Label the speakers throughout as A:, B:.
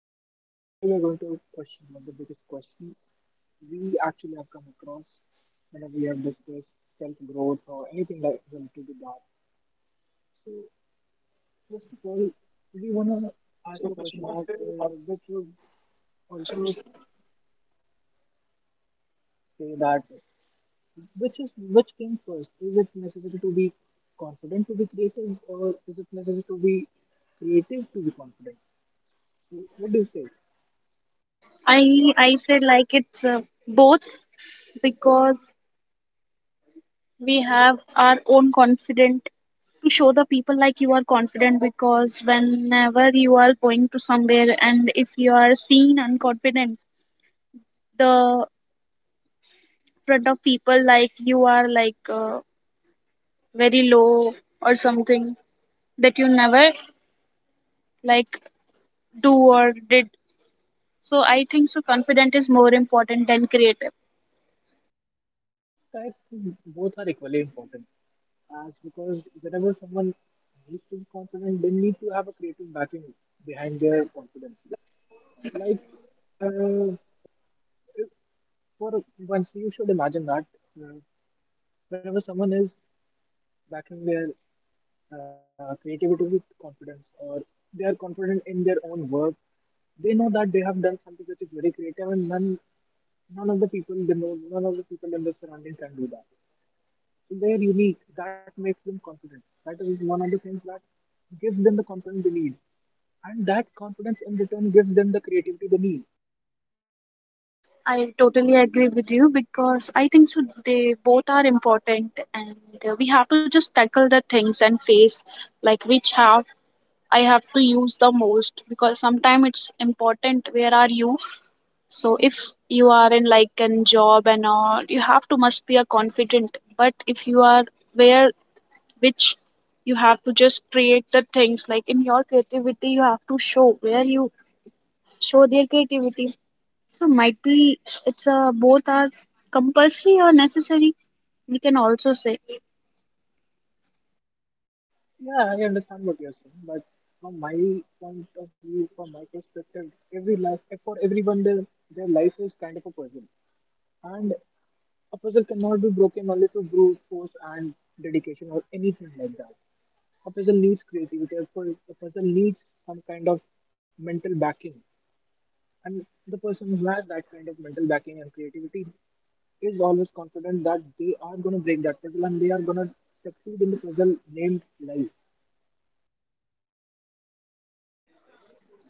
A: podcast. Today we are going to question one of the biggest questions we actually have come across whenever we have discussed self-growth or anything like related to that. So first of all, we want to ask a question that which would also say that which is which came first? Is it necessary to be confident to be creative, or is it necessary to be creative to be confident? So what do you say?
B: I I said like it's both because we have our own confident to show the people like you are confident, because whenever you are going to somewhere and if you are seen unconfident, the front of people like you are like very low or something that you never like do or did. So I think so confident is more important than creative.
A: I think both are equally important, as because whenever someone needs to be confident, they need to have a creative backing behind their confidence. Like, uh, if- for once, you should imagine that uh, whenever someone is backing their creativity with confidence, or they are confident in their own work, they know that they have done something which is very creative, and none of the people they know, none of the people in their surrounding can do that. So they're unique. That makes them confident. That is one of the things that gives them the confidence they need. And that confidence in return gives them the creativity they need.
B: I totally agree with you because I think so they both are important, and we have to just tackle the things and face like which have I have to use the most, because sometimes it's important where are you. So if you are in like a job and all you have to must be a confident, but if you are where which you have to just create the things like in your creativity you have to show where you show their creativity. So might be it's a both are compulsory or necessary. We can also say
A: Yeah, I understand what you're saying, but from my point of view, from my perspective, every life, for everyone, their life is kind of a puzzle. And a puzzle cannot be broken only through brute force and dedication or anything like that. A puzzle needs creativity. A puzzle needs some kind of mental backing. And the person who has that kind of mental backing and creativity is always confident that they are going to break that puzzle and they are going to succeed in the puzzle named life.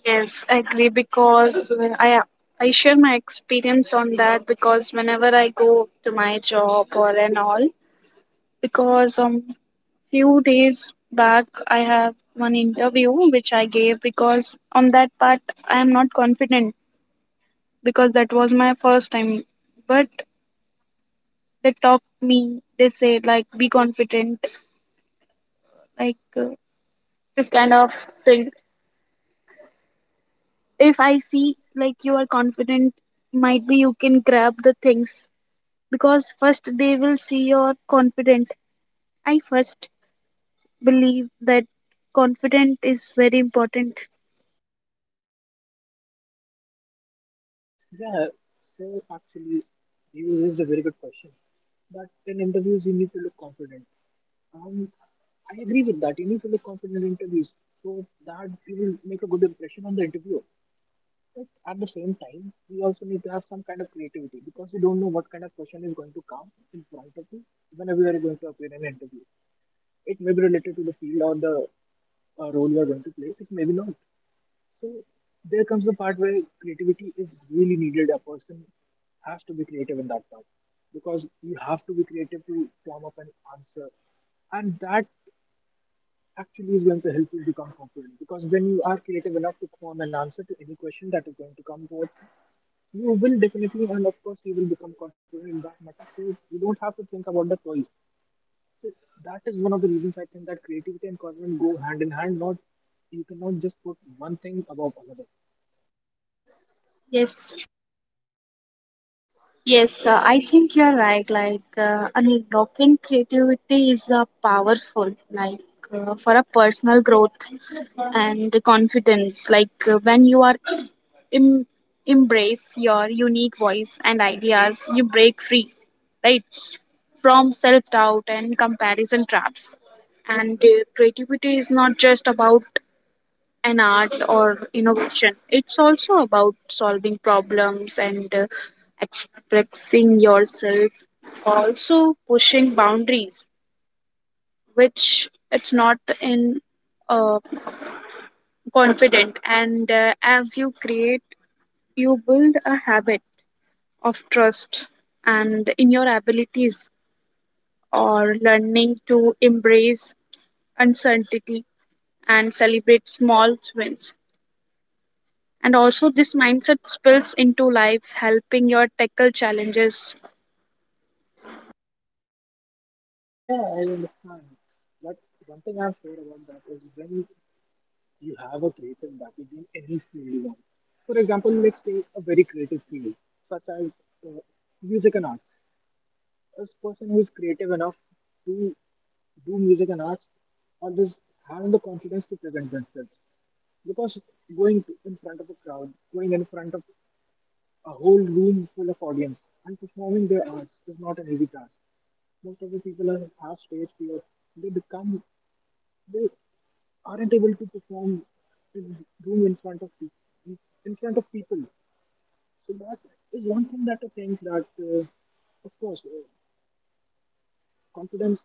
B: yes, I agree because I share my experience on that because whenever I go to my job or and all, because few days back I have one interview which I gave, because on that part I am not confident, because that was my first time. But they talked me, they said like be confident, like this kind of thing. If I see like you are confident, might be you can grab the things, because first they will see you're confident. I first believe that confident is very important.
A: Yeah, so actually, you raised a very good question, that in interviews, you need to look confident. Um, I agree with that. You need to look confident in interviews so that you will make a good impression on the interviewer. But at the same time, we also need to have some kind of creativity because you don't know what kind of question is going to come in front of you whenever you are going to appear in an interview. It may be related to the field or the role you are going to play, it may be not. So there comes the part where creativity is really needed. A person has to be creative in that part because you have to be creative to form up an answer, and that actually is going to help you become confident. Because when you are creative enough to form an answer to any question that is going to come forth, you will definitely and of course you will become confident in that matter, so you don't have to think about the toys. So that is one of the reasons I think that creativity and confidence go hand in hand. Not, you cannot just put one thing above another.
B: Yes, yes, I think you're right. Like, unlocking creativity is powerful, like, for a personal growth and confidence. Like, when you are Em- embrace your unique voice and ideas. You break free, right, from self doubt and comparison traps. And creativity is not just about an art or innovation, it's also about solving problems and expressing yourself, also pushing boundaries, which it's not in uh, confident. And as you create, you build a habit of trust and in your abilities, or learning to embrace uncertainty and celebrate small wins. And also this mindset spills into life helping your tackle challenges.
A: Yeah, I understand, but one thing I'm sure about that is when you have a creative backing in any field you want. For example, let's take a very creative field such as uh, music and arts. As person who is creative enough to do music and arts, or just having the confidence to present themselves. Because in front of a crowd, going in front of a whole room full of audience and performing their arts is not an easy task. Most of the people are, have stage fear. They become, they aren't able to perform in room in front of people, in front of people. So that is one thing that I think that, of course, confidence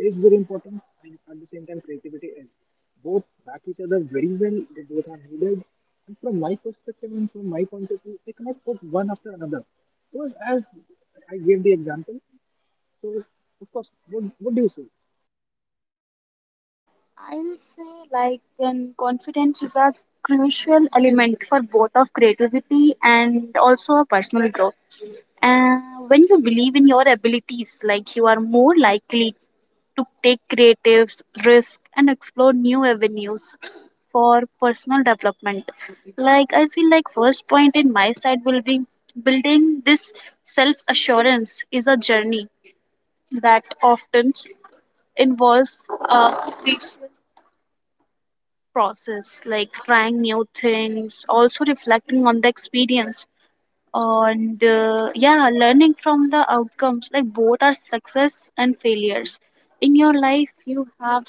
A: is very important, and at the same time, creativity is. Both back each other very well. They both are needed. And from my perspective and from my point of view, they cannot put one after another. Because as I gave the example, so of course, what do you say?
B: I'll say like confidence is a crucial element for both of creativity and also a personal growth. Uh, when you believe in your abilities, like you are more likely to take creative risk and explore new avenues for personal development. Like I feel like first point in my side will be building this self assurance is a journey that often involves process, like trying new things, also reflecting on the experience, and yeah, learning from the outcomes. Like both are success and failures. In your life, you have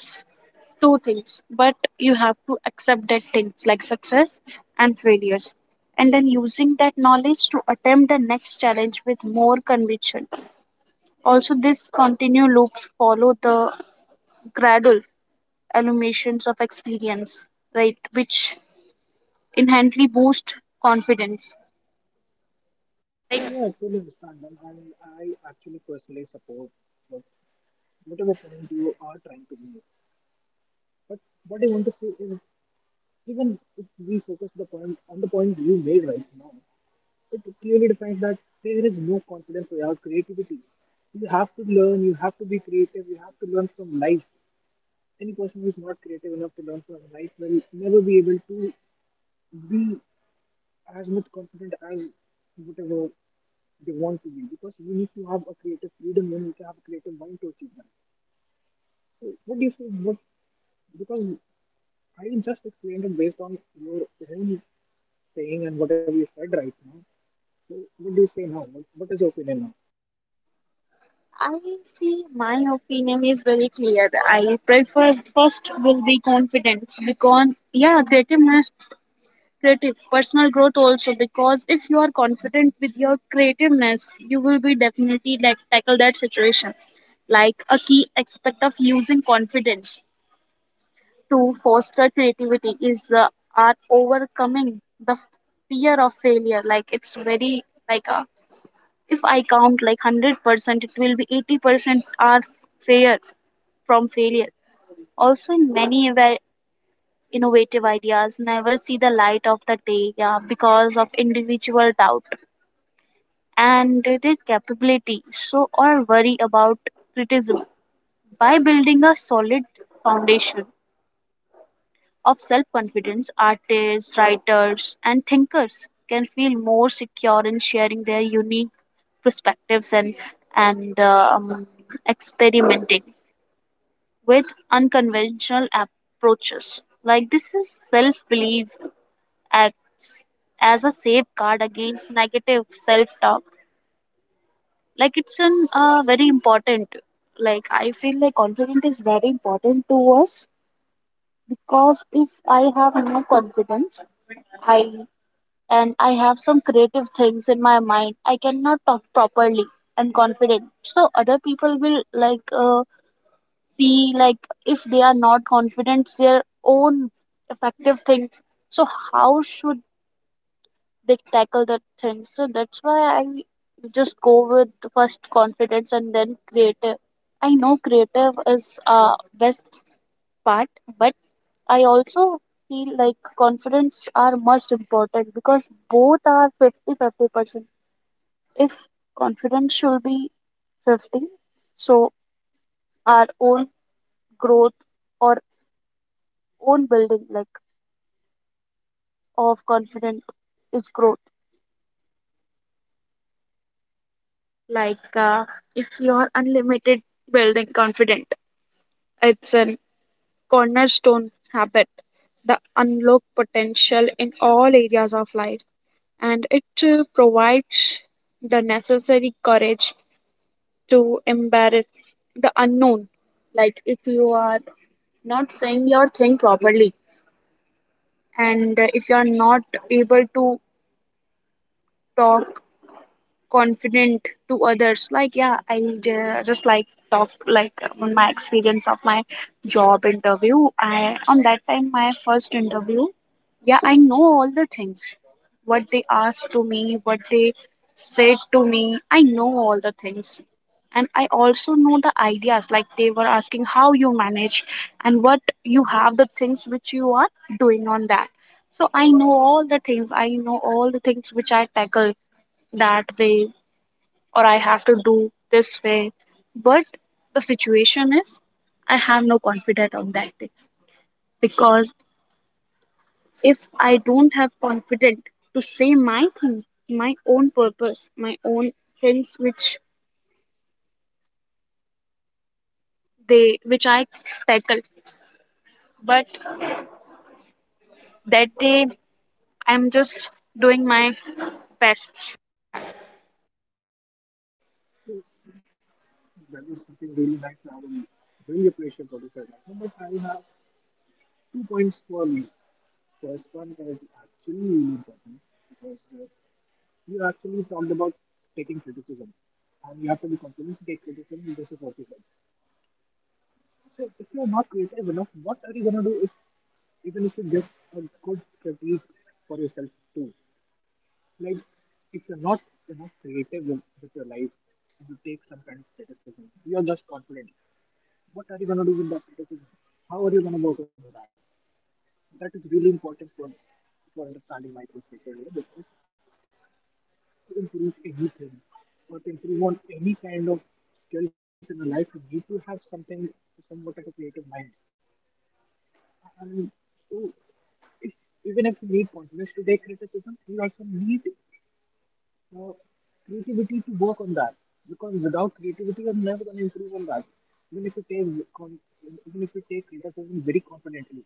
B: two things, but you have to accept that things like success and failures, and then using that knowledge to attempt the next challenge with more conviction. Also, this continue loops follow the gradual eliminations of experience, right? Which inherently boost confidence. Like
A: Yeah, I totally understand, I actually personally support what whatever point you are trying to make. But what I want to say is, even if we focus the point on the point you made right now, it clearly defines that there is no confidence without creativity. You have to learn, you have to be creative, you have to learn from life. Any person who is not creative enough to learn from life will never be able to be as much confident as whatever they want to be, because you need to have a creative freedom and you need to have a creative mind to achieve that. So, what do you think? What, because I just explained it based on your own saying and whatever you said right now. So, what do you say now? What is your opinion now?
B: I see my opinion is very clear. I prefer first will be confidence because yeah, creative personal growth also, because if you are confident with your creativeness, you will be definitely like tackle that situation. Like a key aspect of using confidence to foster creativity is are overcoming the fear of failure. Like it's very like a if I count like 100%, it will be 80% are fair from failure. Also, in many innovative ideas, never see the light of the day, yeah, because of individual doubt and their capability, so or worry about criticism. By building a solid foundation of self confidence, artists, writers, and thinkers can feel more secure in sharing their unique perspectives and, and experimenting with unconventional approaches. Like, this is self belief acts as a safeguard against negative self talk. Like, it's an, very important. Like, I feel like confidence is very important to us, because if I have no confidence, I and I have some creative things in my mind, I cannot talk properly and confident. So other people will like see like if they are not confident their own effective things. So how should they tackle the things? So that's why I just go with first confidence and then creative. I know creative is best part, but I also feel like confidence are most important, because both are 50 50 percent. If confidence should be 50, so our own growth or own building like of confidence is growth. Like if you are unlimited building confident, it's an cornerstone habit that unlock potential in all areas of life. And it provides the necessary courage to embrace the unknown. Like if you are not saying your thing properly, and if you are not able to talk confident to others, like yeah I just like talk like on my experience of my job interview, I on that time my first interview, yeah I know all the things, what they asked to me, what they said to me, I know all the things, and I also know the ideas, like they were asking how you manage and what you have the things which you are doing on that. So I know all the things, I know all the things which I tackle, that they or I have to do this way. But the situation is, I have no confidence on that thing, because if I don't have confidence to say my thing, my own purpose, my own things which they which I tackle, but that day I'm just doing my best
A: That was something really nice. I will really appreciate what you said right now. But I have two points for you. First one is actually really important, because you actually talked about taking criticism, and you have to be confident to take criticism. This is what you said. So, if you are not creative enough, what are you going to do if even if you get a good critique for yourself too. Like if you're not enough creative with your life, and you take some kind of criticism, you're just confident. What are you gonna do with that criticism? How are you gonna work with that? That is really important for understanding my perspective here, because to improve anything or to improve on any kind of skills in your life, you need to have something somewhat of a creative mind. And so if, even if you need confidence to take criticism, you also need uh, creativity to work on that, because without creativity you're never going to improve on that even if you take con- criticism very confidently.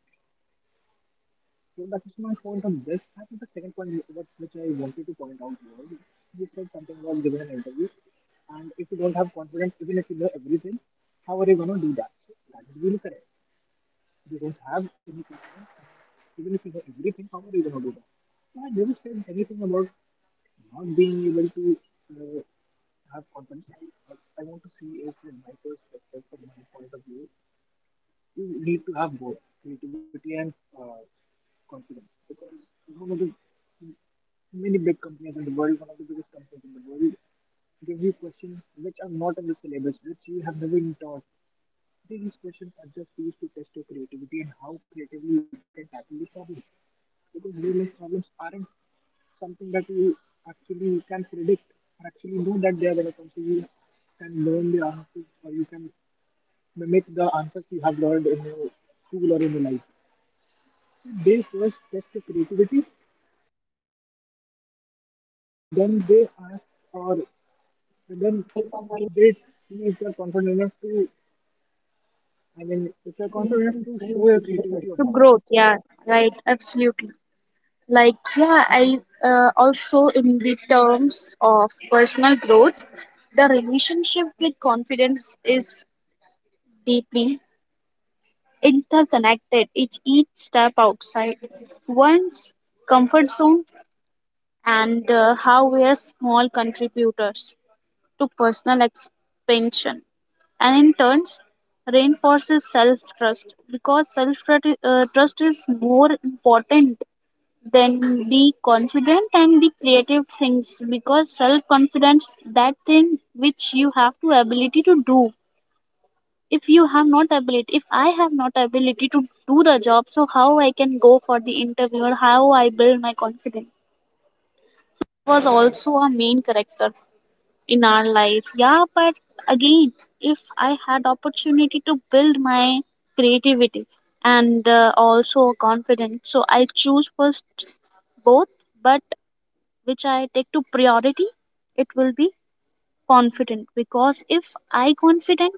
A: So that is my point on this. I think the second point which I wanted to point out was, you said something about giving an interview, and if you don't have confidence even if you know everything, how are you going to do that? So that is really correct, they don't have any platform. Even if you know everything, how are you going to do that? So I never said anything about not being able to uh, have confidence. I, what I want to see is from my perspective, from my point of view, you need to have both creativity and uh, confidence, because one of the many big companies in the world, one of the biggest companies in the world, gives you questions which are not in the syllabus, which you have never been taught. These questions are just used to test your creativity and how creatively you can tackle the problem. Because real life problems aren't something that you actually can predict or actually know that they are going to come. So you can learn the answers, or you can mimic the answers you have learned in your school or in your life. So they first test your creativity, and then they ask, or and then they see if you're confident enough to, I mean if you're confident enough to show your creativity or
B: to
A: not.
B: growth. Yeah, right, absolutely. Like yeah I also in the terms of personal growth, the relationship with confidence is deeply interconnected. It each step outside one's comfort zone, and how we are small contributors to personal expansion and in turns reinforces self trust, because self trust is more important then be confident and the creative things, because self confidence that thing which you have to ability to do. If you have not ability, if I have not ability to do the job, so how I can go for the interview or how I build my confidence, was also a main character in our life, yeah. But again, if I had opportunity to build my creativity and also confidence, so I choose first both, but which I take to priority, it will be confident, because if I confident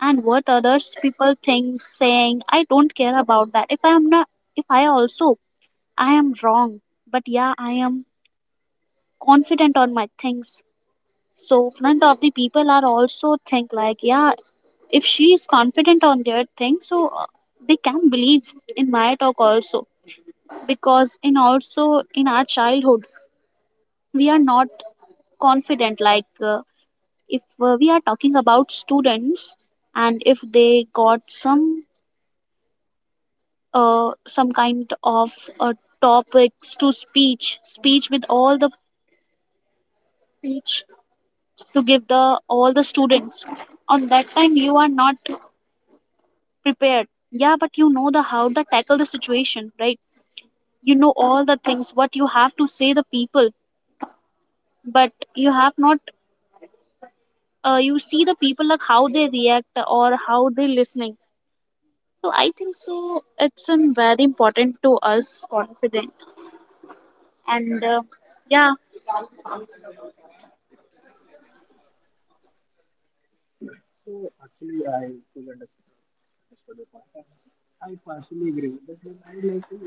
B: and what others people think saying, I don't care about that. If I am not, if I also I am wrong, but yeah, I am confident on my things. So front of the people are also think like, yeah, if she is confident on their thing, so they can believe in my talk also. Because in also in our childhood, we are not confident. Like if we are talking about students, and if they got some kind of uh, topics to speech with all the speech to give the all the students, on that time you are not prepared, yeah, but you know the how to tackle the situation, right? You know all the things what you have to say the people, but you have not you see the people like how they react or how they listening. So I think so. It's very important to us, confident, and yeah,
A: So actually, understood your point, and I partially agree with that. But I would like to,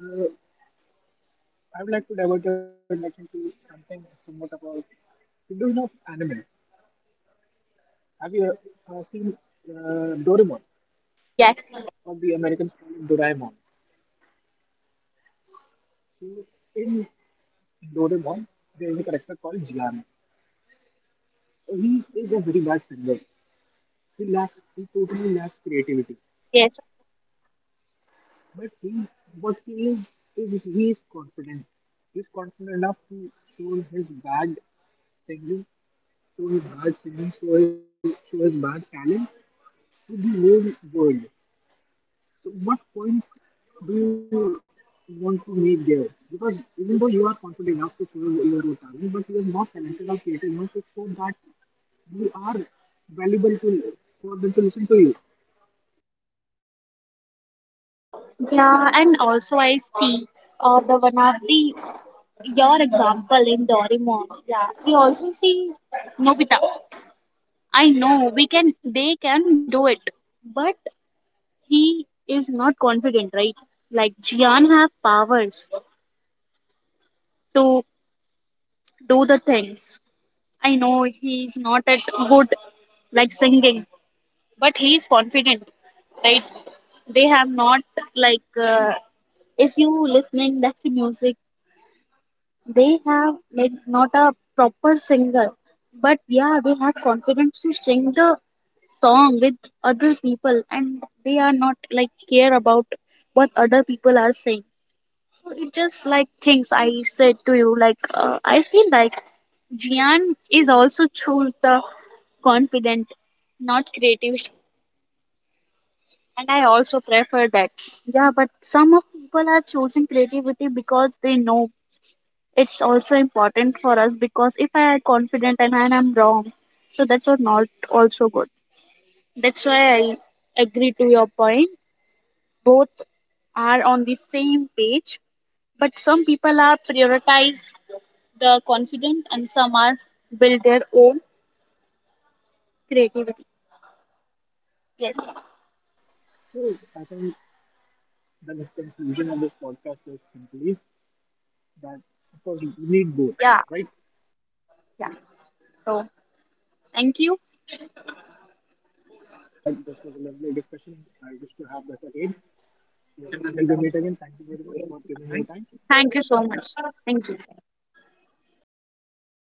A: uh, I would like to divert your attention to something somewhat about. You do know anime. Have you seen Doraemon,
B: yes,
A: or the Americans call it Doraemon? So in Doraemon, there is a character called Jian. So he is a very bad singer. He totally lacks creativity.
B: yes,
A: But what he is, he is confident. He is confident enough to show his bad singing, show his bad singing, show his bad talent to the whole world. So, what point do you want to make there? Because even though you are confident enough to show your own talent, but you are not talented or creative enough to show that you are valuable to for them to listen to you.
B: yeah. And also, I see the one of the your example in Doraemon. Yeah, we also see Nobita. I know we can, they can do it, but he is not confident, right? Like Jian have powers to do the things. I know he's not at good like singing, but he is confident, right? They have not like if you listening that music, they have like not a proper singer, but yeah they have confidence to sing the song with other people, and they are not like care about what other people are saying. So it just like things I said to you, like I feel like Jian is also choose the confident, not creative, and I also prefer that. Yeah, but some of people are choosing creativity because they know it's also important for us, because if I am confident and I am wrong, so that's what not also good. That's why I agree to your point. Both are on the same page, but some people are prioritize the confident and some are build their own creativity. Yes.
A: So, I think the conclusion of this podcast is simply that of course you need both,
B: Yeah.
A: right?
B: Yeah. So thank you.
A: Thank you. That this was a lovely discussion. I wish to have this again. So until we meet again, thank you very much for giving your time.
B: Thank you so much. Thank you.